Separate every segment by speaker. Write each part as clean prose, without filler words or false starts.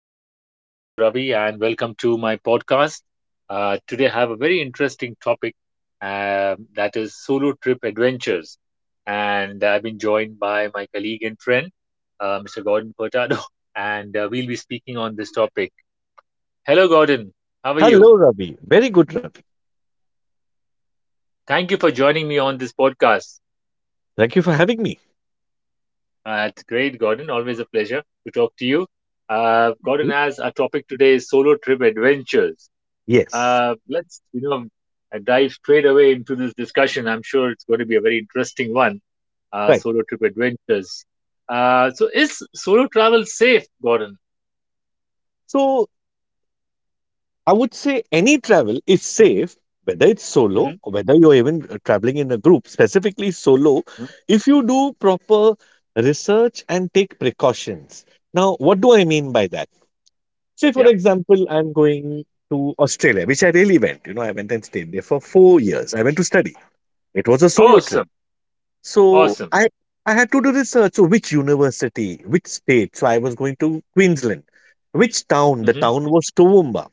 Speaker 1: friends. This is Ravi, and welcome to my podcast. Today, I have a very interesting topic that is solo trip adventures. And I've been joined by my colleague and friend, Mr. Gordon Furtado, and we'll be speaking on this topic. Hello, Gordon. How are you?
Speaker 2: Hello, Ravi. Very good, Ravi.
Speaker 1: Thank you for joining me on this podcast.
Speaker 2: Thank you for having me.
Speaker 1: It's great, Gordon. Always a pleasure to talk to you.
Speaker 2: Hmm?
Speaker 1: Gordon has our topic today is solo trip adventures.
Speaker 2: Yes.
Speaker 1: Let's, dive straight away into this discussion. I'm sure it's going to be a very interesting one.
Speaker 2: Right.
Speaker 1: Solo trip adventures. So is solo travel safe, Gordon?
Speaker 2: So I would say any travel is safe, whether it's solo
Speaker 1: Hmm
Speaker 2: or whether you're even traveling in a group, specifically solo,
Speaker 1: hmm
Speaker 2: if you do proper research and take precautions. Now, what do I mean by that? Say, for
Speaker 1: Yeah.
Speaker 2: example, I'm going to Australia, which I really went. You know, I went and stayed there for
Speaker 1: Mhm.
Speaker 2: 4 years. I went to study. It was a solo trip.
Speaker 1: Awesome.
Speaker 2: So
Speaker 1: Awesome.
Speaker 2: I had to do research. So which university, which state? So I was going to Queensland. Which town? The
Speaker 1: Hmm
Speaker 2: town was Toowoomba.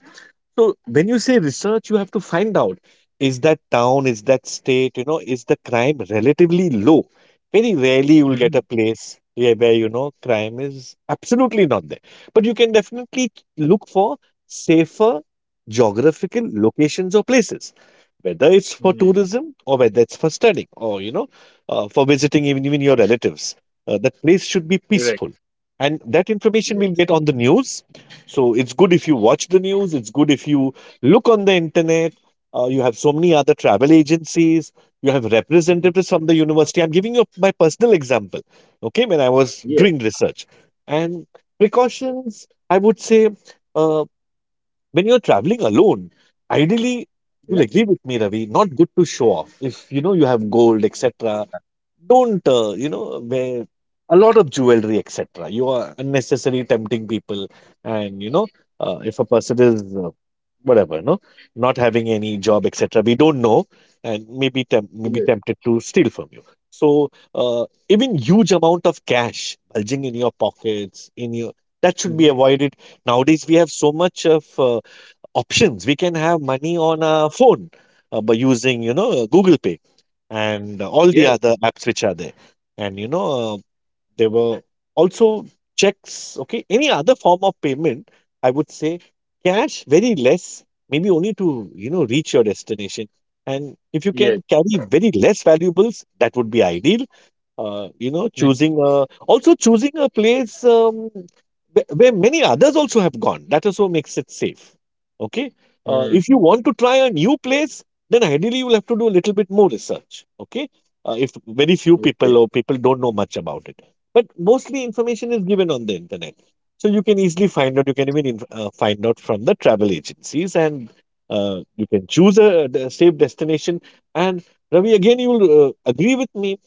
Speaker 2: So when you say research, you have to find out is that town, is that state, you know, is the crime relatively low? Very rarely you will get
Speaker 1: hmm
Speaker 2: a place where you know crime is absolutely not there. But you can definitely look for safer geographical locations or places, whether it's for
Speaker 1: mm
Speaker 2: tourism or whether it's for studying or you know for visiting even your relatives. That place should be
Speaker 1: Correct.
Speaker 2: peaceful, and that information we'll
Speaker 1: Yes.
Speaker 2: get on the news, so it's good if you watch the news, it's good if you look on the internet. You have so many other travel agencies, you have representatives
Speaker 1: hmm
Speaker 2: from the university. I'm giving you my personal example, okay, when I was
Speaker 1: Yes.
Speaker 2: doing research. And precautions, I would say, uh, when you're traveling alone, ideally,
Speaker 1: Yeah.
Speaker 2: you'll agree with me, Ravi, not good to show off. If you know you have gold, etc., don't you know wear a lot of jewelry etc, you are unnecessarily tempting people, and you know if a person is whatever no, not having any job etc, we don't know, and maybe maybe
Speaker 1: Yes.
Speaker 2: tempted to steal from you. So even huge amount of cash bulging in your pockets, in your, that should be
Speaker 1: hmm
Speaker 2: avoided. Nowadays we have so much of options, we can have money on our phone by using you know google pay and all the
Speaker 1: Yes.
Speaker 2: other apps which are there. And you know, there were also checks, okay, any other form of payment, I would say cash, very less, maybe only to, you know, reach your destination. And if you can
Speaker 1: Yes.
Speaker 2: carry very less valuables, that would be ideal. You know, choosing a, also choosing a place where many others also have gone. That also makes it safe. Okay.
Speaker 1: hmm
Speaker 2: If you want to try a new place, then ideally you'll have to do a little bit more research. Okay. If very few people
Speaker 1: Okay.
Speaker 2: or people don't know much about it, but mostly information is given on the internet, so you can easily find out. You can even find out from the travel agencies, and you can choose a safe destination. And Ravi, again, you will agree with me,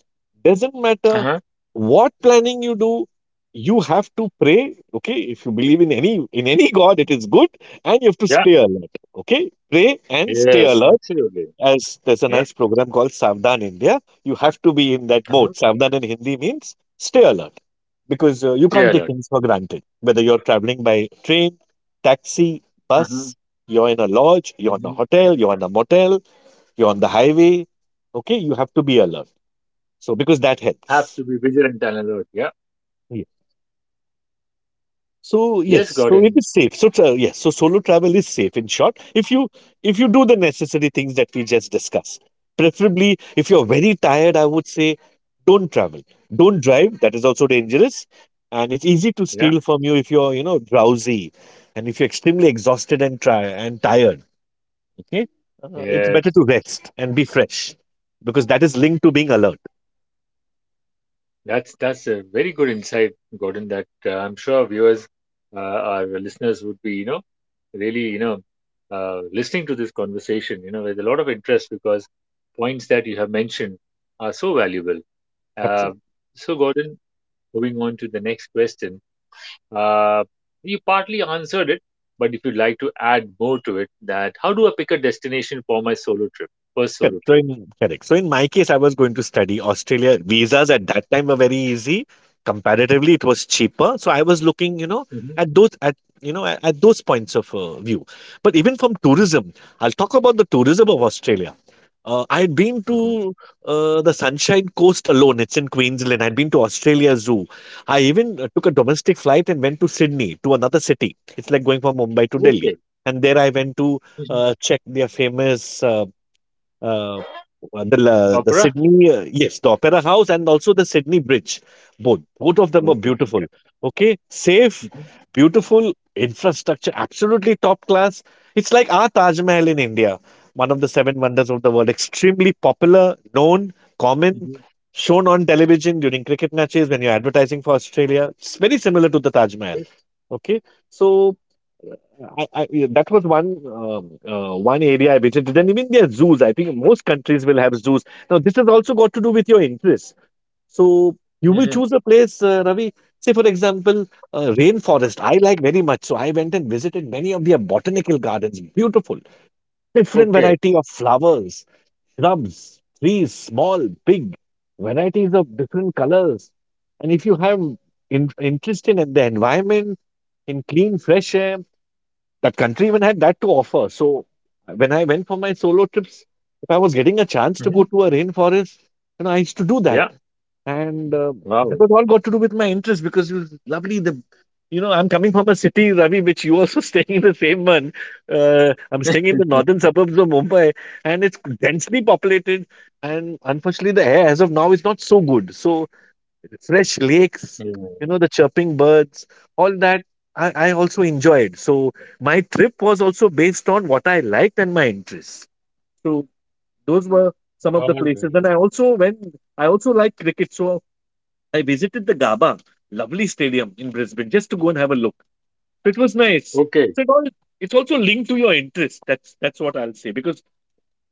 Speaker 2: doesn't matter
Speaker 1: Uh-huh.
Speaker 2: what planning you do, you have to pray. Okay, if you believe in any, in any God, it is good, and you have to
Speaker 1: Yeah.
Speaker 2: stay alert. Okay, pray and stay
Speaker 1: Yes.
Speaker 2: alert.
Speaker 1: Absolutely.
Speaker 2: As there's a
Speaker 1: Yeah.
Speaker 2: nice program called Savdhan India, you have to be in that
Speaker 1: Uh-huh.
Speaker 2: mode. Savdhan in Hindi means stay alert, because you
Speaker 1: Stay
Speaker 2: can't take
Speaker 1: alert.
Speaker 2: things for granted. Whether you're traveling by train, taxi,
Speaker 1: Uh-huh.
Speaker 2: bus, you're in a lodge, you're in a
Speaker 1: hmm
Speaker 2: hotel, you're in a motel, you're on the highway. Okay, you have to be alert. So, because that
Speaker 1: Have
Speaker 2: helps.
Speaker 1: to be vigilant and alert. Yeah.
Speaker 2: Yeah. So
Speaker 1: Yes,
Speaker 2: yes, so it
Speaker 1: Gordon.
Speaker 2: is safe. So yes, so solo travel is safe. In short, if you, if you do the necessary things that we just discussed, preferably if you're very tired, I would say don't travel, don't drive. That is also dangerous, and it's easy to
Speaker 1: Yeah,
Speaker 2: steal from you if you're you know drowsy, and if you're extremely exhausted and try and tired. Okay, it's
Speaker 1: yeah.
Speaker 2: better to rest and be fresh because that is linked to being alert.
Speaker 1: That's a very good insight, Gordon. That I'm sure our viewers, our listeners would be, really, listening to this conversation, with a lot of interest because points that you have mentioned are so valuable. Uh,
Speaker 2: Absolutely.
Speaker 1: so, Gordon, moving on to the next question. Uh, you partly answered it, but if you'd like to add more to it, that how do I pick a destination for my solo trip, first
Speaker 2: Correct.
Speaker 1: solo
Speaker 2: So
Speaker 1: trip?
Speaker 2: in correct. So in my case, I was going to study Australia. Visas at that time were very easy. Comparatively, it was cheaper. So I was looking, you know,
Speaker 1: Hmm
Speaker 2: at those, at you know at those points of view. But even from tourism, I'll talk about the tourism of
Speaker 1: Okay.
Speaker 2: Australia. I had been
Speaker 1: Mhm.
Speaker 2: to the Sunshine Coast alone. It's in Queensland. I'd been to Australia Zoo. I even took a domestic flight and went to Sydney to another city. It's like going from Mumbai to Delhi. And there I went to
Speaker 1: Okay.
Speaker 2: check their famous, uh, the
Speaker 1: Opera?
Speaker 2: Sydney, yes, the Opera House and also the Sydney Bridge. Both of them are
Speaker 1: Opera.
Speaker 2: beautiful.
Speaker 1: Okay.
Speaker 2: Okay, safe,
Speaker 1: Mm-hmm.
Speaker 2: beautiful infrastructure, absolutely top class. It's like our Taj Mahal in India, one of the seven wonders of the world. Extremely popular, known, common,
Speaker 1: Mm-hmm.
Speaker 2: shown on television during cricket matches when you're advertising for Australia. It's very similar to the Taj Mahal.
Speaker 1: Yes.
Speaker 2: Okay, so. I yeah, that was one one area I visited. Then even there are zoos. I think most countries will have zoos. Now, this has also got to do with your interests. So you will
Speaker 1: Mm-hmm.
Speaker 2: choose a place, Ravi. Say, for example, rainforest. I like very much. So I went and visited many of their botanical gardens. Beautiful, different
Speaker 1: Okay.
Speaker 2: variety of flowers, shrubs, trees, small, big, varieties of different colors. And if you have interest in the environment, in clean, fresh air, that country even had that to offer. So when I went for my solo trips, if I was getting a chance to go
Speaker 1: Mm-hmm.
Speaker 2: to a rainforest, you know, I used to do that.
Speaker 1: Yeah.
Speaker 2: And that
Speaker 1: Wow.
Speaker 2: was all got to do with my interest because it was lovely. The you know, I'm coming from a city, Ravi, which you also staying in the same one. I'm staying in the
Speaker 1: yeah.
Speaker 2: northern suburbs of Mumbai, and it's densely populated. And unfortunately, the air as of now is not so good. So fresh lakes, you know, the chirping birds, all that I also enjoyed. So my trip was also based on what I liked and my interests. So those were some of the
Speaker 1: All right.
Speaker 2: places. And I also went, I also like cricket. So I visited the Gaba, lovely stadium in Brisbane, just to go and have a look. So it was nice.
Speaker 1: Okay.
Speaker 2: So it all, it's also linked to your interest. That's what I'll say. Because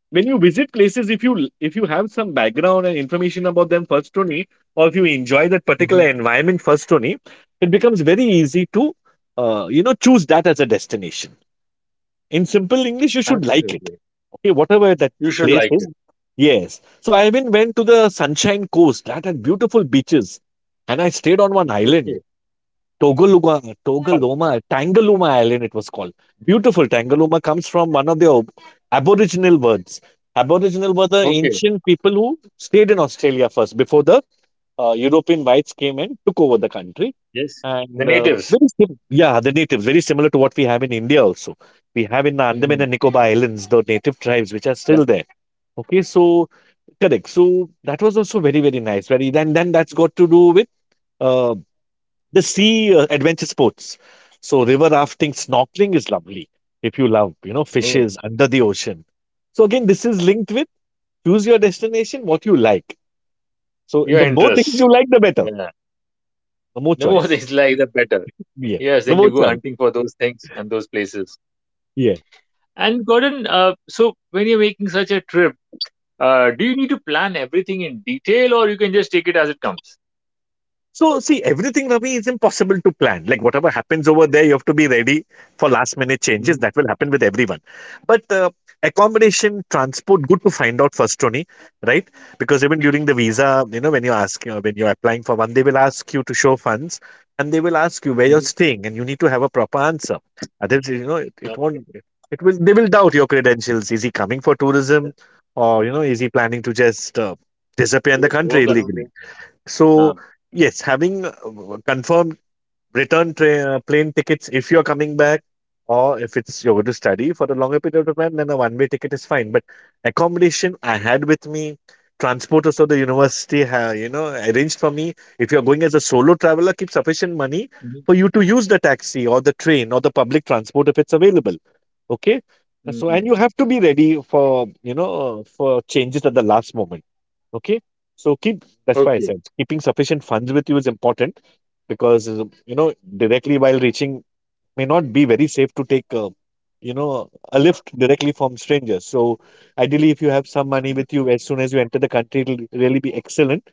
Speaker 2: when you visit places, if you, if you have some background and information about them first only, or if you enjoy that particular
Speaker 1: Mm-hmm.
Speaker 2: environment first only, it becomes very easy to you know choose that as a destination. In simple english, you should like it,
Speaker 1: Absolutely.
Speaker 2: okay, whatever that
Speaker 1: You should
Speaker 2: place
Speaker 1: like
Speaker 2: is.
Speaker 1: it.
Speaker 2: Yes, so I even went to the sunshine coast that had beautiful beaches and I stayed on one island.
Speaker 1: Okay. Wow.
Speaker 2: Tangaluma Island, it was called. Beautiful. Tangaluma comes from one of the Aboriginal words. Aboriginal were the
Speaker 1: Okay.
Speaker 2: ancient people who stayed in Australia first before the European whites came and took over the country.
Speaker 1: Yes. The
Speaker 2: And
Speaker 1: natives.
Speaker 2: yeah, the natives, very similar to what we have in India also. We have in the Andaman
Speaker 1: Mm-hmm.
Speaker 2: and Nicobar Islands, the native tribes which are
Speaker 1: Yeah.
Speaker 2: still there. Okay, so correct. So that was also very, very nice. Very, then that's got to do with uh, the sea adventure sports. So river rafting, snorkeling is lovely if you love, you know,
Speaker 1: Oh.
Speaker 2: fishes under the ocean. So again, this is linked with, choose your destination, what you like. So
Speaker 1: Your
Speaker 2: the more things
Speaker 1: interests.
Speaker 2: you like, the better.
Speaker 1: Yeah.
Speaker 2: The more
Speaker 1: The more
Speaker 2: choice.
Speaker 1: things like, the better.
Speaker 2: Yeah.
Speaker 1: Yes.
Speaker 2: The
Speaker 1: Then
Speaker 2: more
Speaker 1: you go
Speaker 2: choice.
Speaker 1: hunting for those things and those places.
Speaker 2: Yeah.
Speaker 1: And Gordon, so when you're making such a trip, do you need to plan everything in detail or you can just take it as it comes?
Speaker 2: So, see, everything, Ravi, is impossible to plan. Like, whatever happens over there, you have to be ready for last minute changes.
Speaker 1: Mm-hmm.
Speaker 2: That will happen with everyone. But accommodation, transport, good to find out first, Tony, right? Because even during the visa, you know, when you ask, you know, when you're applying for one, they will ask you to show funds, and they will ask you where you're staying and you need to have a proper answer. Otherwise, you know, it
Speaker 1: Okay.
Speaker 2: won't, it will, they will doubt your credentials. Is he coming for
Speaker 1: Yeah.
Speaker 2: tourism or, you know, is he planning to just disappear in the country
Speaker 1: Walk around
Speaker 2: illegally?
Speaker 1: there. Ah.
Speaker 2: So, yes, having confirmed return tra plane tickets if you're coming back, or if it's you're going to study for a longer period of time, then a one-way ticket is fine. But accommodation I had with me, transport also the university, ha you know, arranged for me. If you're going as a solo traveler, keep sufficient money
Speaker 1: Mhm.
Speaker 2: for you to use the taxi or the train or the public transport if it's available. Okay. So, and
Speaker 1: Mm.
Speaker 2: you have to be ready for, you know, for changes at the last moment. Okay. So keep, that's why I
Speaker 1: Okay.
Speaker 2: said keeping sufficient funds with you is important because, you know, directly while reaching may not be very safe to take, you know, a lift directly from strangers. So ideally, if you have some money
Speaker 1: Yeah.
Speaker 2: with you as soon as you enter the country, it'll really be excellent.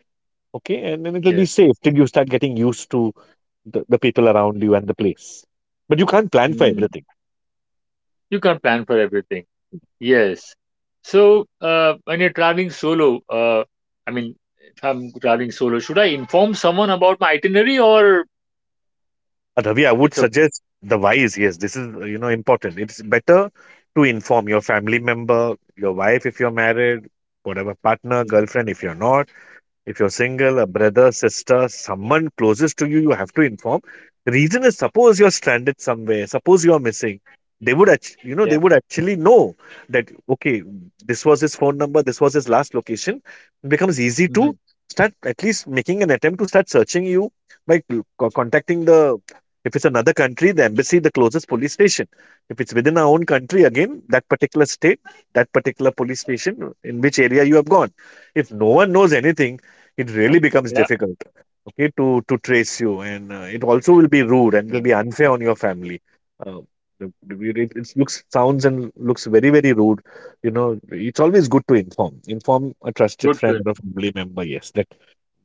Speaker 2: Okay. And then it'll be
Speaker 1: Yes.
Speaker 2: safe till you start getting used to the people around you and the place. But you can't plan for
Speaker 1: Mm.
Speaker 2: everything.
Speaker 1: You can't plan for everything. Yes. So when you're traveling solo, I mean, if I'm traveling solo, should I inform someone about my itinerary or
Speaker 2: Ravi, I would
Speaker 1: it's okay?
Speaker 2: suggest the wise. Yes, this is you know important. It's better to inform your family member, your wife if you're married, whatever partner,
Speaker 1: Mhm.
Speaker 2: girlfriend if you're not. If you're single, a brother, sister, someone closest to you, you have to inform. Reason is, suppose you're stranded somewhere, suppose you're missing. They would, you know,
Speaker 1: Yeah.
Speaker 2: they would actually know that, okay, this was his phone number, this was his last location. It becomes easy to
Speaker 1: hmm
Speaker 2: start at least making an attempt to start searching you by contacting the, if it's another country, the embassy, the closest police station. If it's within our own country, again, that particular state, that particular police station, in which area you have gone. If no one knows anything, it really becomes
Speaker 1: Yeah.
Speaker 2: difficult, okay, to trace you. And it also will be rude and will be
Speaker 1: Uh,
Speaker 2: unfair on your family. uh, it looks, sounds and looks very very rude, you know. It's always good to inform a trusted
Speaker 1: good.
Speaker 2: friend
Speaker 1: Good.
Speaker 2: or a family member, yes, that,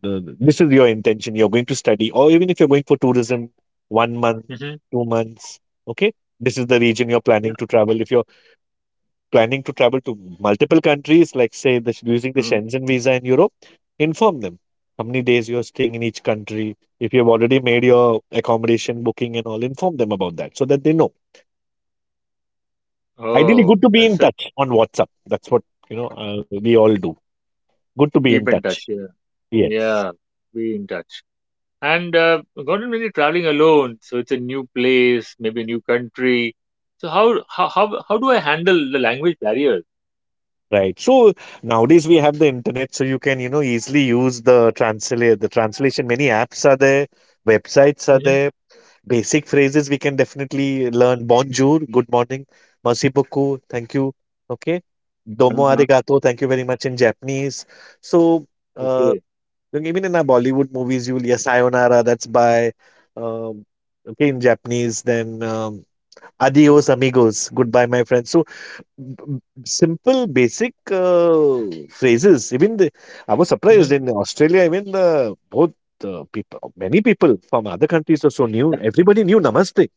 Speaker 2: the, this is your intention, you're going to study or even if you're going for tourism, 1 month,
Speaker 1: Hmm
Speaker 2: 2 months, okay, this is the region you're
Speaker 1: Yeah.
Speaker 2: planning to travel. If you're planning to travel to multiple countries, like say using the
Speaker 1: Mhm.
Speaker 2: Shenzhen visa in Europe, inform them how many days you're staying in each country. If you've already made your accommodation booking and all, inform them about that so that they know. Ideally,
Speaker 1: Oh,
Speaker 2: good to be in
Speaker 1: that's a
Speaker 2: touch on WhatsApp. That's what, you know, we all do. Good to be in
Speaker 1: keep in
Speaker 2: touch.
Speaker 1: touch. Yeah.
Speaker 2: Yes,
Speaker 1: Yeah. Be in touch. And Gordon, when you're traveling alone, so it's a new place, maybe a new country. So how do I handle the language barriers?
Speaker 2: right. So nowadays we have the internet, so you can, you know, easily use the translation. Many apps are there, websites are
Speaker 1: Mm-hmm.
Speaker 2: there. Basic phrases we can definitely learn. Bonjour, good morning. Merci beaucoup, thank you. Okay. Domo
Speaker 1: Uh-huh.
Speaker 2: arigato, thank you very much in Japanese. So, uh,
Speaker 1: Okay.
Speaker 2: even in our Bollywood movies, you'll hear sayonara, that's bye. Um, okay, in Japanese, then adios amigos, goodbye, my friends. So, simple, basic phrases. Even the, I was surprised
Speaker 1: Mm-hmm.
Speaker 2: in Australia, even the both many people from other countries are so
Speaker 1: Yeah.
Speaker 2: new. Everybody knew namaste.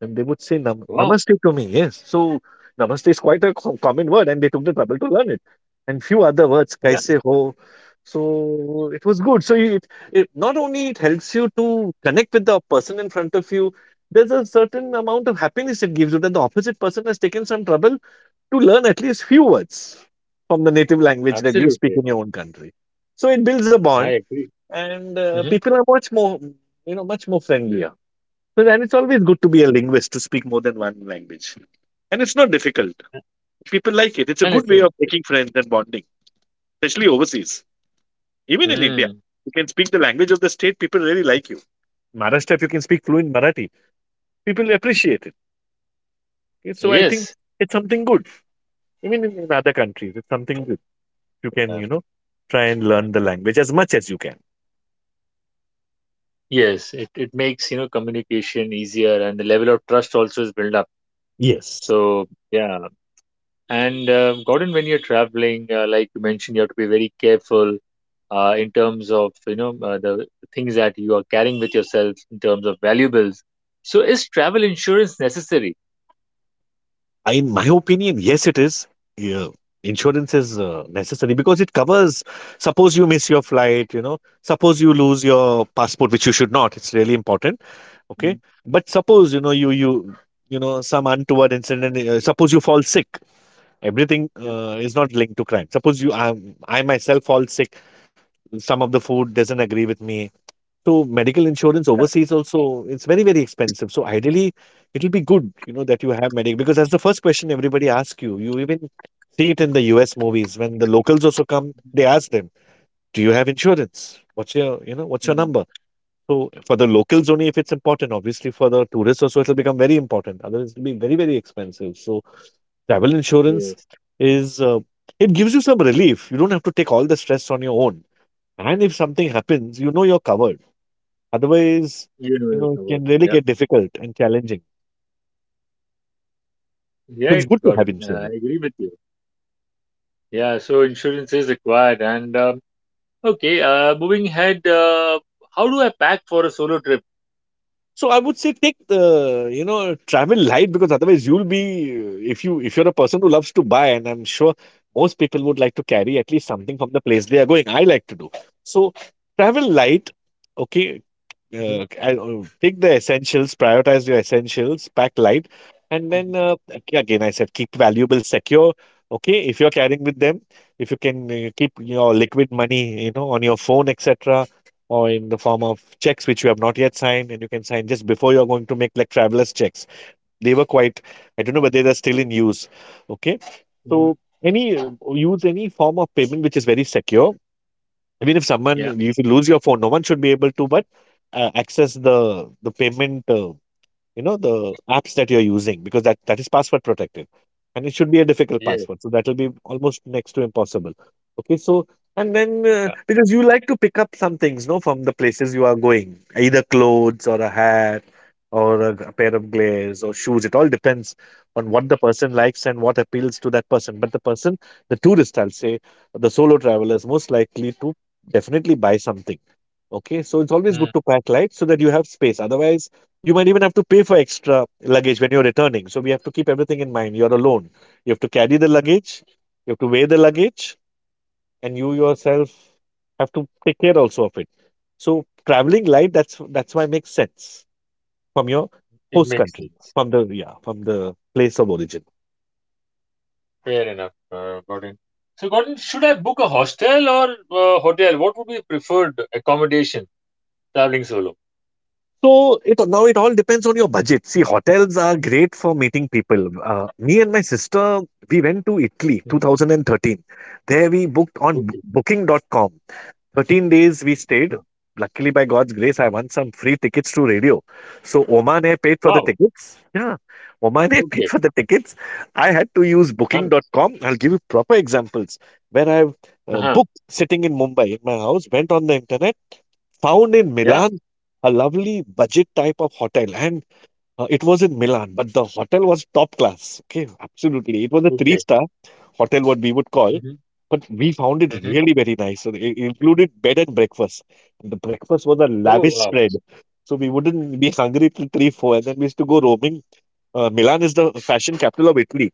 Speaker 2: And they would say
Speaker 1: Wow.
Speaker 2: "Namaste" to me, yes. So, "Namaste" is quite a co common word and they took the trouble to learn it. And few other words,
Speaker 1: Yeah.
Speaker 2: "Kaise ho?" So, it was good. So, it not only it helps you to connect with the person in front of you, there's a certain amount of happiness it gives you that the opposite person has taken some trouble to learn at least few words from the native language that you speak
Speaker 1: Absolutely.
Speaker 2: in your own country. So, it builds a
Speaker 1: I
Speaker 2: bond
Speaker 1: agree.
Speaker 2: and,
Speaker 1: Mm-hmm.
Speaker 2: people are much more, you know, much more friendlier. So then it's always good to be a linguist, to speak more than one language. And it's not difficult. People like it. It's a
Speaker 1: And
Speaker 2: good
Speaker 1: it's
Speaker 2: way of making friends and bonding, especially overseas. Even in India,
Speaker 1: mm,
Speaker 2: you can speak the language of the state, people really like you. Maharashtra, if you can speak fluent Marathi, people appreciate it. Okay, so I think
Speaker 1: yes.
Speaker 2: it's something good. Even in other countries, it's something good. You can,
Speaker 1: Uh,
Speaker 2: you know, try and learn the language as much as you can.
Speaker 1: yes. It makes you know communication easier, and the level of trust also is built up.
Speaker 2: Yes.
Speaker 1: So yeah. And Gordon, when you're traveling, like you mentioned, you have to be very careful in terms of you know the things that you are carrying with yourself in terms of valuables. So is travel insurance necessary?
Speaker 2: In my opinion, yes, it is. Yeah, insurance is necessary because it covers. Suppose you miss your flight, you know. Suppose you lose your passport, which you should not. It's really important.
Speaker 1: Mhm.
Speaker 2: Okay, but suppose, you know, you know some untoward incident. Suppose you fall sick. Everything
Speaker 1: Yeah,
Speaker 2: is not linked to crime. I myself fall sick. Some of the food doesn't agree with me. So medical insurance
Speaker 1: yeah.
Speaker 2: overseas also, it's very, very expensive. So ideally, it'll be good, you know, that you have medical, because that's the first question everybody asks you. You even see it in the US movies when the locals also come, they ask them, "Do you have insurance? What's your, you know, what's your
Speaker 1: Mhm.
Speaker 2: number?" So for the locals only, if it's important, obviously for the tourists also, it'll become very important. Otherwise, it'll be very, very expensive. So travel insurance
Speaker 1: Yes,
Speaker 2: is, it gives you some relief. You don't have to take all the stress on your own. And if something happens, you know you're covered. Otherwise,
Speaker 1: you know
Speaker 2: you
Speaker 1: your
Speaker 2: know, it
Speaker 1: covered.
Speaker 2: can really
Speaker 1: Yeah,
Speaker 2: get difficult and challenging.
Speaker 1: yeah,
Speaker 2: So it's
Speaker 1: it
Speaker 2: good to have
Speaker 1: gotten. I
Speaker 2: insurance.
Speaker 1: agree with you. Yeah, so insurance is required. And okay, moving ahead, how do I pack for a solo trip?
Speaker 2: So I would say take the, you know, travel light because otherwise you'll be, if you if you're a person who loves to buy, and I'm sure most people would like to carry at least something from the place they are going. I like to do. So, travel light, okay.
Speaker 1: Mhm,
Speaker 2: Take the essentials, prioritize your essentials, pack light, and
Speaker 1: mhm,
Speaker 2: then again, I said keep valuables secure. Okay, if you're carrying with them, if you can keep your liquid money, you know, on your phone, etc., or in the form of checks which you have not yet signed, and you can sign just before you're going, to make, like, travelers checks. They were quite, I don't know, but they are still in use. Okay,
Speaker 1: mhm.
Speaker 2: so any use any form of payment which is very secure. I mean, if
Speaker 1: Yeah,
Speaker 2: someone, if you lose your phone, no one should be able to, but access the payment. You know, the apps that you're using, because that is password protected and it should be a difficult
Speaker 1: yes,
Speaker 2: password, so that will be almost next to impossible. Okay, so, and then
Speaker 1: yeah.
Speaker 2: because you like to pick up some things, no, from the places you are going, either clothes or a hat or a pair of glares or shoes, it all depends on what the person likes and what appeals to that person. But the person, the tourist, I'll say, the solo traveler is most likely to definitely buy something. Okay, so it's always
Speaker 1: Mm,
Speaker 2: good to pack light so that you have space. Otherwise, you might even have to pay for extra luggage when you're returning. So we have to keep everything in mind. You're alone. You have to carry the luggage, you have to weigh the luggage, and you yourself have to take care also of it. So traveling light, that's why it makes sense, from your
Speaker 1: it
Speaker 2: host
Speaker 1: makes
Speaker 2: country,
Speaker 1: sense.
Speaker 2: from the, yeah, from the place of origin.
Speaker 1: Fair enough, Gordon. So, Gordon, should I book a hostel or hotel? What would be preferred accommodation traveling solo?
Speaker 2: So it, now it all depends on your budget. See, hotels are great for meeting people. Me and my sister, we went to Italy
Speaker 1: Hmm
Speaker 2: 2013. There we booked on
Speaker 1: Okay.
Speaker 2: booking.com. 13 days we stayed.
Speaker 1: Huh.
Speaker 2: Luckily, by God's grace, I won some free tickets to radio. So Oman Air paid for the
Speaker 1: Wow.
Speaker 2: tickets. Yeah, Oman Air paid
Speaker 1: Okay.
Speaker 2: for the tickets. I had to use Booking
Speaker 1: Done.
Speaker 2: dot com. I'll give you proper examples. When I
Speaker 1: Uh-huh.
Speaker 2: booked sitting in Mumbai in my house, went on the internet. Found in
Speaker 1: Yeah.
Speaker 2: Milan, a lovely budget type of hotel, and it was in Milan, but the hotel was top class. Okay, absolutely, it was a
Speaker 1: Okay.
Speaker 2: three-star hotel, what we would call,
Speaker 1: hmm
Speaker 2: but we found it
Speaker 1: hmm
Speaker 2: really very nice. So it included bed and breakfast. The breakfast was a
Speaker 1: Oh,
Speaker 2: lavish
Speaker 1: wow.
Speaker 2: spread, so we wouldn't be hungry till three, four, and then we used to go roaming. Milan is the fashion capital of Italy.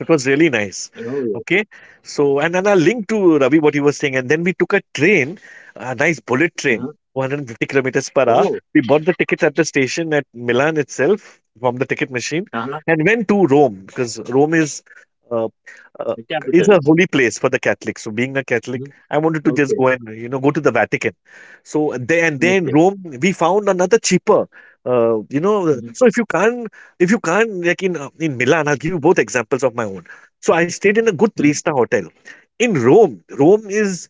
Speaker 2: It was really nice.
Speaker 1: Oh, yes.
Speaker 2: Okay. So, and then I linked to Ravi what you were saying. And then we took a train, a nice bullet train,
Speaker 1: Uh-huh.
Speaker 2: 150 kilometers per hour.
Speaker 1: Oh,
Speaker 2: We bought the tickets at the station at Milan itself from the ticket machine
Speaker 1: uh-huh.
Speaker 2: and went to Rome, because Rome is. Uh, uh,
Speaker 1: The
Speaker 2: is
Speaker 1: capital.
Speaker 2: a holy place for the Catholics. So, being a
Speaker 1: Hmm
Speaker 2: Catholic, I wanted to just
Speaker 1: Okay.
Speaker 2: go and, you know, go to the Vatican. So, there, and then
Speaker 1: Okay.
Speaker 2: Rome, we found another cheaper. You know,
Speaker 1: hmm
Speaker 2: so if you can't, like in Milan, I'll give you both examples of my own. So I stayed in a good
Speaker 1: hmm
Speaker 2: three-star hotel. In Rome, Rome is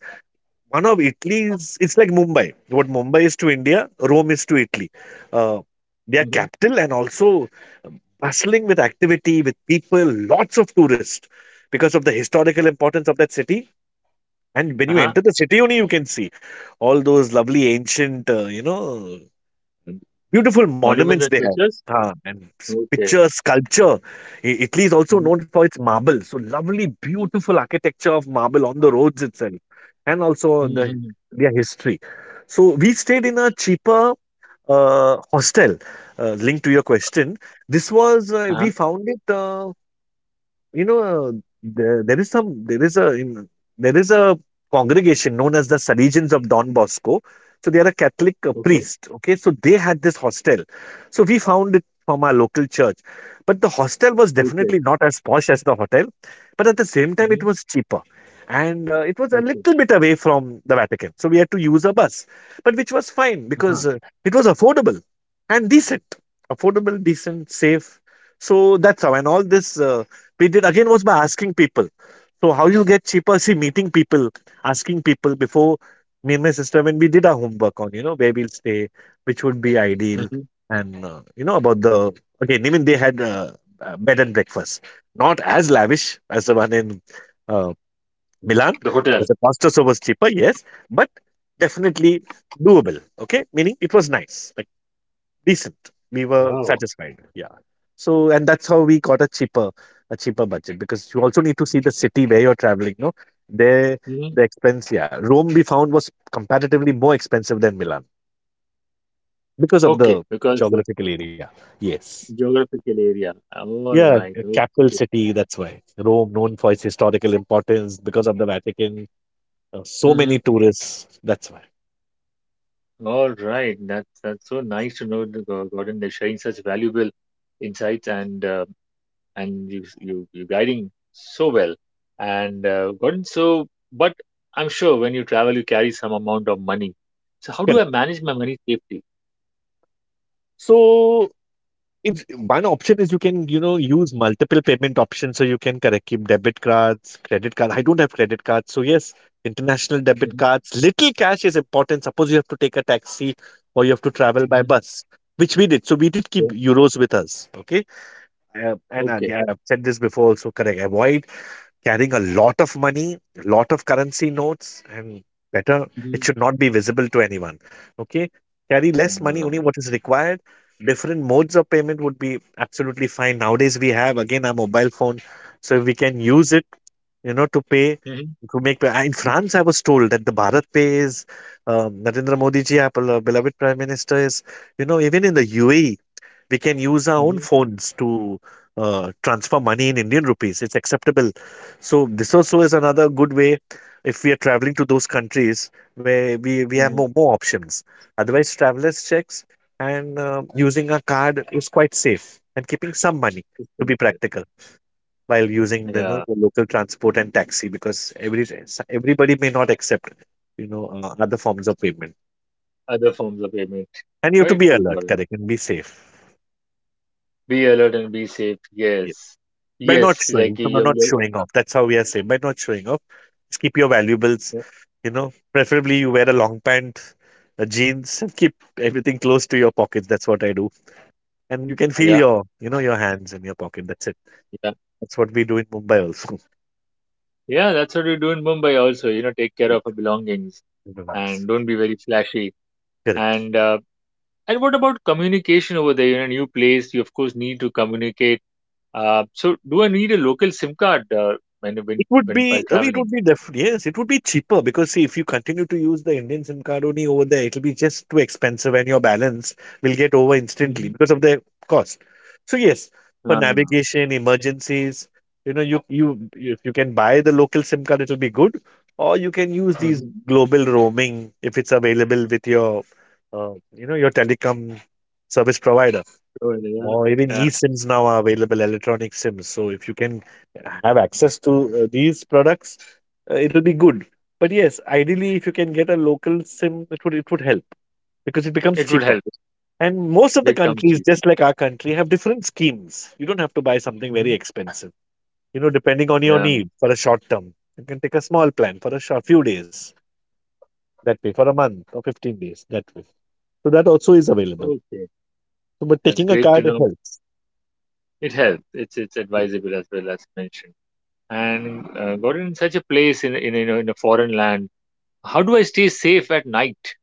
Speaker 2: one of Italy's. It's like Mumbai. What Mumbai is to India, Rome is to Italy. Uh, their
Speaker 1: hmm
Speaker 2: capital and also bustling with activity, with people, lots of tourists because of the historical importance of that city. And when you
Speaker 1: Uh-huh.
Speaker 2: enter the city, only you can see all those lovely ancient, beautiful monuments
Speaker 1: Monuments
Speaker 2: they
Speaker 1: and
Speaker 2: have.
Speaker 1: structures?
Speaker 2: Ah, and
Speaker 1: Okay.
Speaker 2: picture sculpture. Italy is also
Speaker 1: hmm
Speaker 2: known for its marble. So lovely, beautiful architecture of marble on the roads itself, and also the
Speaker 1: hmm
Speaker 2: their history. So we stayed in a cheaper hostel. Linked to your question, this was
Speaker 1: Uh-huh.
Speaker 2: we found it. You know, there is some, there is a, in, there is a congregation known as the Salesians of Don Bosco. So they are a Catholic
Speaker 1: Okay.
Speaker 2: priest. Okay, so they had this hostel. So we found it from our local church, but the hostel was
Speaker 1: Okay.
Speaker 2: definitely not as posh as the hotel, but at the same time it
Speaker 1: hmm
Speaker 2: was cheaper, and it was a
Speaker 1: Okay.
Speaker 2: little bit away from the Vatican. So we had to use a bus, but which was fine
Speaker 1: Uh-huh.
Speaker 2: because it was affordable and decent, affordable, decent, safe. So that's how, and all this. We did again was by asking people. So how you get cheaper? See, meeting people, asking people before me and my sister when we did our homework on you know where we'll stay, which would be ideal,
Speaker 1: hmm
Speaker 2: and you know about the again even they had bed and breakfast, not as lavish as the one in uh, Milan
Speaker 1: The hotel.
Speaker 2: because the pasta so was cheaper, yes, but definitely doable. Okay, meaning it was nice. Like, decent. We were
Speaker 1: Wow.
Speaker 2: satisfied. Yeah. So, and that's how we got a cheaper budget because you also need to see the city where you're traveling. No, there
Speaker 1: Mm-hmm.
Speaker 2: the expense. Yeah, Rome we found was comparatively more expensive than Milan because of
Speaker 1: Okay,
Speaker 2: the
Speaker 1: because
Speaker 2: geographical area. Yes.
Speaker 1: geographical area. All
Speaker 2: Yeah,
Speaker 1: right.
Speaker 2: a capital
Speaker 1: Okay.
Speaker 2: city. That's why Rome, known for its historical importance because of the Vatican, so
Speaker 1: Mhm.
Speaker 2: many tourists. That's why.
Speaker 1: All right. That's so nice to know, the Gordon. They're sharing such valuable insights and you guiding so well. And Gordon, so but I'm sure when you travel, you carry some amount of money. So how do I
Speaker 2: Correct.
Speaker 1: manage my money safely?
Speaker 2: So it's one option is you can, you know, use multiple payment options. So you can correct keep debit cards, credit card. I don't have credit cards. So yes, international debit
Speaker 1: Hmm
Speaker 2: cards. Little cash is important. Suppose you have to take a taxi or you have to travel by
Speaker 1: hmm
Speaker 2: bus, which we did. So we did keep
Speaker 1: Yeah.
Speaker 2: euros with us. Okay. And
Speaker 1: Okay.
Speaker 2: yeah, I've said this before also correct. Avoid carrying a lot of money, lot of currency notes, and better, it
Speaker 1: hmm
Speaker 2: should not be visible to anyone. Okay, carry less money, only
Speaker 1: Um,
Speaker 2: what is required. Different modes of payment would be absolutely fine. Nowadays, we have again our mobile phone, so we can use it, you know, to pay.
Speaker 1: hmm
Speaker 2: To make in France, I was told that the Bharat Pay is Narendra Modi ji, our beloved Prime Minister, is you know even in the UAE we can use our own
Speaker 1: hmm
Speaker 2: phones to transfer money in Indian rupees. It's acceptable. So this also is another good way if we are traveling to those countries where we have
Speaker 1: hmm
Speaker 2: more, more options. Otherwise, travelers checks and using a card is quite safe and keeping some money to be practical while using you know,
Speaker 1: Yeah.
Speaker 2: the local transport and taxi because every everybody may not accept you know other forms of payment
Speaker 1: Other forms of payment.
Speaker 2: and you have to
Speaker 1: Quite
Speaker 2: be
Speaker 1: true,
Speaker 2: alert
Speaker 1: Gordon.
Speaker 2: correct and be safe
Speaker 1: Be alert and be safe. Yes.
Speaker 2: by not
Speaker 1: Yes. Like
Speaker 2: showing, by not
Speaker 1: you-
Speaker 2: showing off. That's how we are saying. By not showing off, just keep your valuables.
Speaker 1: yeah,
Speaker 2: You know, preferably you wear a long pant, a jeans, and keep everything close to your pockets. That's what I do, and you can feel
Speaker 1: yeah,
Speaker 2: your, you know, your hands in your pocket. That's it.
Speaker 1: yeah.
Speaker 2: That's what we do in Mumbai also.
Speaker 1: Yeah, that's what you do in Mumbai also. You know, take care
Speaker 2: Yeah,
Speaker 1: of your belongings
Speaker 2: everyone's-
Speaker 1: and don't be very flashy.
Speaker 2: correct.
Speaker 1: And what about communication over there? In a new place, you of course need to communicate. So do I need a local SIM card
Speaker 2: It would
Speaker 1: when
Speaker 2: be,
Speaker 1: while
Speaker 2: Ravi, it
Speaker 1: traveling?
Speaker 2: would be yes, it would be cheaper because see, if you continue to use the Indian SIM card only over there, it'll be just too expensive and your balance will get over
Speaker 1: Mm-hmm.
Speaker 2: instantly because of the cost. So yes, for
Speaker 1: Ah.
Speaker 2: navigation, emergencies, you know, you if you can buy the local SIM card, it'll be good, or you can use
Speaker 1: hmm
Speaker 2: these global roaming if it's available with your, you know, your telecom service provider.
Speaker 1: So, yeah,
Speaker 2: Or even
Speaker 1: yeah.
Speaker 2: eSIMs now are available, electronic SIMs. So if you can have access to these products, it'll be good. But yes, ideally, if you can get a local SIM, it would help because it becomes
Speaker 1: It would
Speaker 2: cheaper.
Speaker 1: help. It
Speaker 2: And most of the
Speaker 1: become
Speaker 2: countries,
Speaker 1: cheaper.
Speaker 2: just like our country, have different schemes. You don't have to buy something
Speaker 1: Hmm
Speaker 2: very expensive. You know, depending on your
Speaker 1: Yeah.
Speaker 2: need for a short term, you can take a small plan for a short few days that way, for a month or 15 days that way. So that also is available.
Speaker 1: Okay.
Speaker 2: So, but
Speaker 1: That's
Speaker 2: taking a
Speaker 1: great to
Speaker 2: card
Speaker 1: know.
Speaker 2: helps.
Speaker 1: It helps. It's advisable as well as mentioned. And got in such a place in a foreign land. How do I stay safe at night?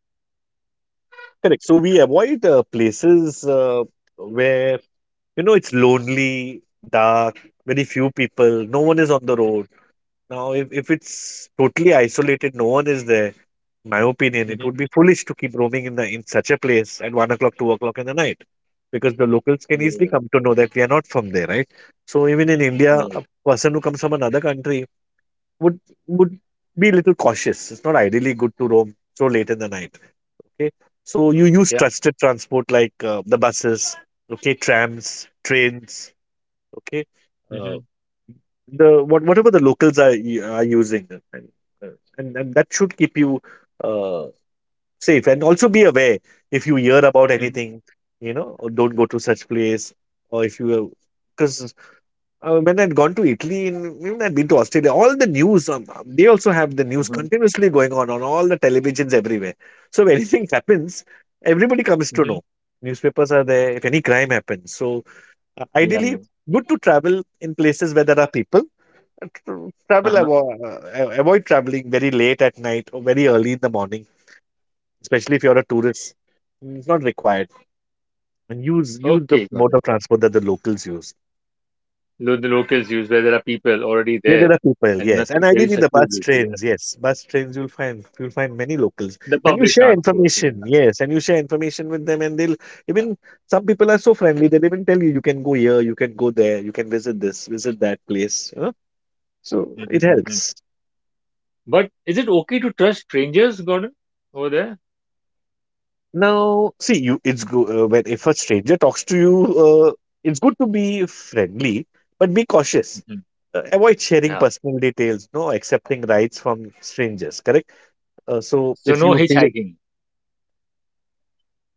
Speaker 2: Correct. So we avoid places where, you know, it's lonely, dark, very few people, no one is on the road. Now, if it's totally isolated, no one is there, in my opinion, it
Speaker 1: Hmm
Speaker 2: would be foolish to keep roaming in the in such a place at 1 o'clock, 2 o'clock in the night, because the locals can easily
Speaker 1: Yeah,
Speaker 2: come to know that we are not from there, right? So even in
Speaker 1: yeah,
Speaker 2: India, a person who comes from another country would would be a little cautious. It's not ideally good to roam so late in the night. Okay, so you use
Speaker 1: yeah.
Speaker 2: trusted transport like the buses, okay, trams, trains, okay, uh,
Speaker 1: hmm
Speaker 2: the what whatever the locals are are using, and that should keep you uh, safe. And also be aware if you hear about
Speaker 1: hmm
Speaker 2: anything, you know, or don't go to such place, or if you because when I'd gone to Italy and even I'd been to Australia, all the news, they also have the news
Speaker 1: hmm
Speaker 2: continuously going on all the televisions everywhere. So if anything happens, everybody comes to
Speaker 1: hmm
Speaker 2: know. Newspapers are there if any crime happens. So
Speaker 1: Yeah.
Speaker 2: ideally, good to travel in places where there are people. Uh, tr- Travel
Speaker 1: Uh-huh.
Speaker 2: avo- uh, uh, avoid traveling very late at night or very early in the morning, especially if you're a tourist. It's not required. And use the
Speaker 1: Okay, got
Speaker 2: mode
Speaker 1: it.
Speaker 2: of transport that the locals use.
Speaker 1: The locals use where there are people already
Speaker 2: Yeah,
Speaker 1: there,
Speaker 2: there are people,
Speaker 1: and
Speaker 2: yes,
Speaker 1: nothing
Speaker 2: and
Speaker 1: very
Speaker 2: ideally the bus
Speaker 1: secluded. Yeah.
Speaker 2: trains, yes, bus trains. You'll find many locals,
Speaker 1: The
Speaker 2: and you
Speaker 1: public
Speaker 2: share
Speaker 1: transport. Yeah.
Speaker 2: information, yes, and you share information with them, and they'll even some people are so friendly they'll even tell you you can go here, you can go there, you can visit this, visit that place. You know? So it
Speaker 1: Mm-hmm.
Speaker 2: helps.
Speaker 1: But is it okay to trust strangers, Gordon, over there?
Speaker 2: Now, see, you it's good when if a stranger talks to you, uh, it's good to be friendly, but be cautious.
Speaker 1: Hmm
Speaker 2: Avoid sharing
Speaker 1: Yeah.
Speaker 2: personal details, no accepting rights from strangers. Correct. So
Speaker 1: So
Speaker 2: if
Speaker 1: no
Speaker 2: you feel
Speaker 1: hitchhiking.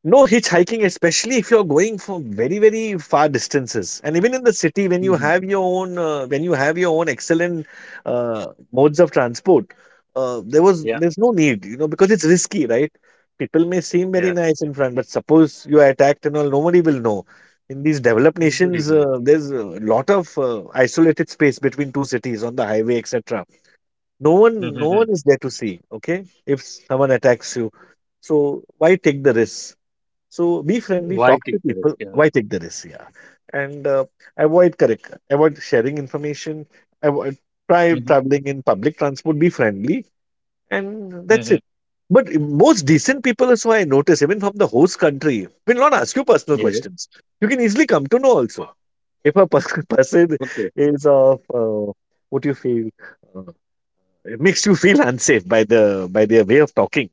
Speaker 2: no hitchhiking, especially if you're going for very, very far distances, and even in the city, when you
Speaker 1: Hmm
Speaker 2: have your own, when you have your own excellent uh, modes of transport, uh, there was
Speaker 1: Yeah.
Speaker 2: there's no need, you know, because it's risky, right? People may seem very
Speaker 1: Yeah.
Speaker 2: nice in front, but suppose you are attacked and all, nobody will know. In these developed
Speaker 1: Nobody
Speaker 2: nations,
Speaker 1: will.
Speaker 2: there's a lot of isolated space between two cities on the highway, etc. No one, no
Speaker 1: Mm-hmm.
Speaker 2: one is there to see. Okay, if someone attacks you, so why take the risk? So be friendly, talk
Speaker 1: White
Speaker 2: to
Speaker 1: teachers?
Speaker 2: people.
Speaker 1: Yeah.
Speaker 2: Why take the risk? Yeah, and avoid correct, avoid sharing information. Avoid try traveling in public transport. Be friendly, and that's
Speaker 1: Mm-hmm.
Speaker 2: it. But most decent people, is why I notice, even from the host country, will not ask you personal
Speaker 1: Yes.
Speaker 2: questions. You can easily come to know also if a person
Speaker 1: Okay.
Speaker 2: is of what you feel uh, it makes you feel unsafe by the by their way of talking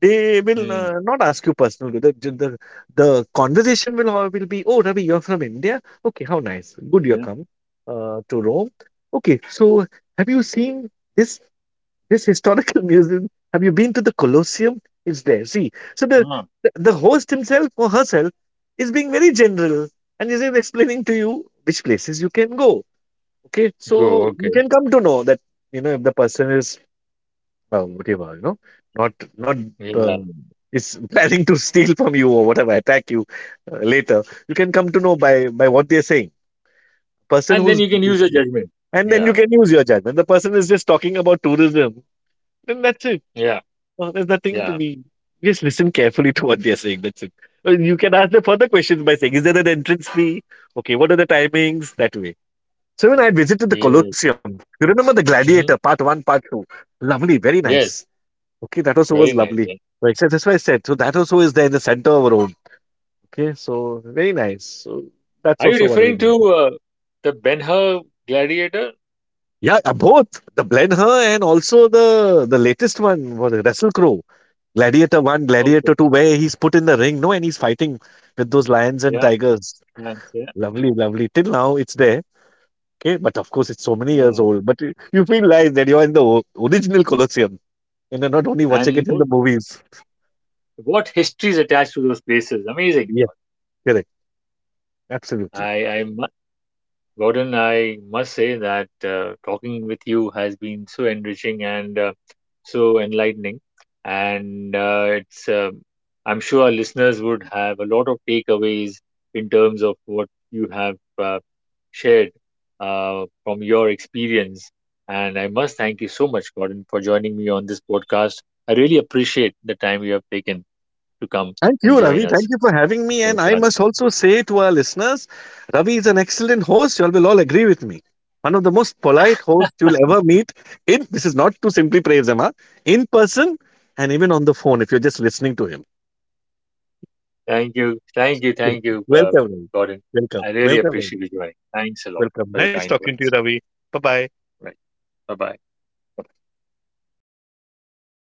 Speaker 2: they will
Speaker 1: Mm-hmm.
Speaker 2: not ask you personal. The conversation will all will be, "Oh, Ravi, you're from India. Okay, how nice. Good, you
Speaker 1: Yeah.
Speaker 2: come to Rome. Okay, so have you seen this this historical museum? Have you been to the Colosseum? It's there. See, so the
Speaker 1: Ah.
Speaker 2: the, the host himself or herself is being very general and is explaining to you which places you can go. Okay,
Speaker 1: Go.
Speaker 2: so you
Speaker 1: Okay.
Speaker 2: can come to know that you know if the person is well, whatever, you know, not
Speaker 1: Yeah.
Speaker 2: um, is planning to steal from you or whatever, attack you later. You can come to know by what they're saying. Person
Speaker 1: And then
Speaker 2: who's
Speaker 1: you can use a judgment.
Speaker 2: and then you
Speaker 1: Yeah.
Speaker 2: can use your judgment. The person is just talking about tourism, then that's it.
Speaker 1: Yeah.
Speaker 2: There's nothing to
Speaker 1: Yeah.
Speaker 2: be. Just listen carefully to what they're saying. That's it. You can ask them further questions by saying, "Is there an entrance fee? Okay, what are the timings?" That way. So when I visited the
Speaker 1: Yes.
Speaker 2: Colosseum, you remember the Gladiator
Speaker 1: hmm
Speaker 2: Part One, Part Two. Lovely, very nice.
Speaker 1: Yes.
Speaker 2: Okay, that also was
Speaker 1: Very nice.
Speaker 2: lovely.
Speaker 1: Yeah.
Speaker 2: Like, so that's why I said, so that also is there in the center of our own. Okay, so very nice. So that's
Speaker 1: Are you
Speaker 2: also what we
Speaker 1: referring
Speaker 2: need.
Speaker 1: to the Ben Hur Gladiator?
Speaker 2: Yeah, both the blend her and also the latest one was Wrestle Crow, Gladiator One, Gladiator
Speaker 1: Okay.
Speaker 2: Two, where he's put in the ring, no, and he's fighting with those lions and
Speaker 1: Yeah.
Speaker 2: tigers.
Speaker 1: And, yeah.
Speaker 2: Lovely, lovely. Till now, it's there. Okay, but of course, it's so many years
Speaker 1: Oh.
Speaker 2: old. But you feel like that you're in the original Colosseum, and you're not only watching
Speaker 1: And
Speaker 2: it in the movies.
Speaker 1: what history is attached to those places? Amazing.
Speaker 2: Yes, correct, absolutely.
Speaker 1: I, I, mu- Gordon, I must say that talking with you has been so enriching and so enlightening. And I'm sure our listeners would have a lot of takeaways in terms of what you have shared from your experience. And I must thank you so much, Gordon, for joining me on this podcast. I really appreciate the time you have taken to come
Speaker 2: Thank
Speaker 1: and
Speaker 2: you,
Speaker 1: join
Speaker 2: Ravi. Thank
Speaker 1: us
Speaker 2: you for
Speaker 1: on
Speaker 2: having
Speaker 1: this
Speaker 2: me. And I
Speaker 1: podcast.
Speaker 2: must also say to our listeners, Ravi is an excellent host. You all will all agree with me. One of the most polite hosts you'll ever meet in this is not to simply praise him, huh? In person and even on the phone if you're just listening to him.
Speaker 1: Thank you. Thank you. Thank you,
Speaker 2: Welcome, Ravi.
Speaker 1: Gordon.
Speaker 2: Welcome.
Speaker 1: I really
Speaker 2: Welcome,
Speaker 1: appreciate
Speaker 2: Ravi.
Speaker 1: you joining. Thanks a lot for
Speaker 2: Welcome.
Speaker 1: your
Speaker 2: Nice
Speaker 1: kind
Speaker 2: talking to you,
Speaker 1: words.
Speaker 2: Ravi. Bye bye.
Speaker 1: Right. Bye bye.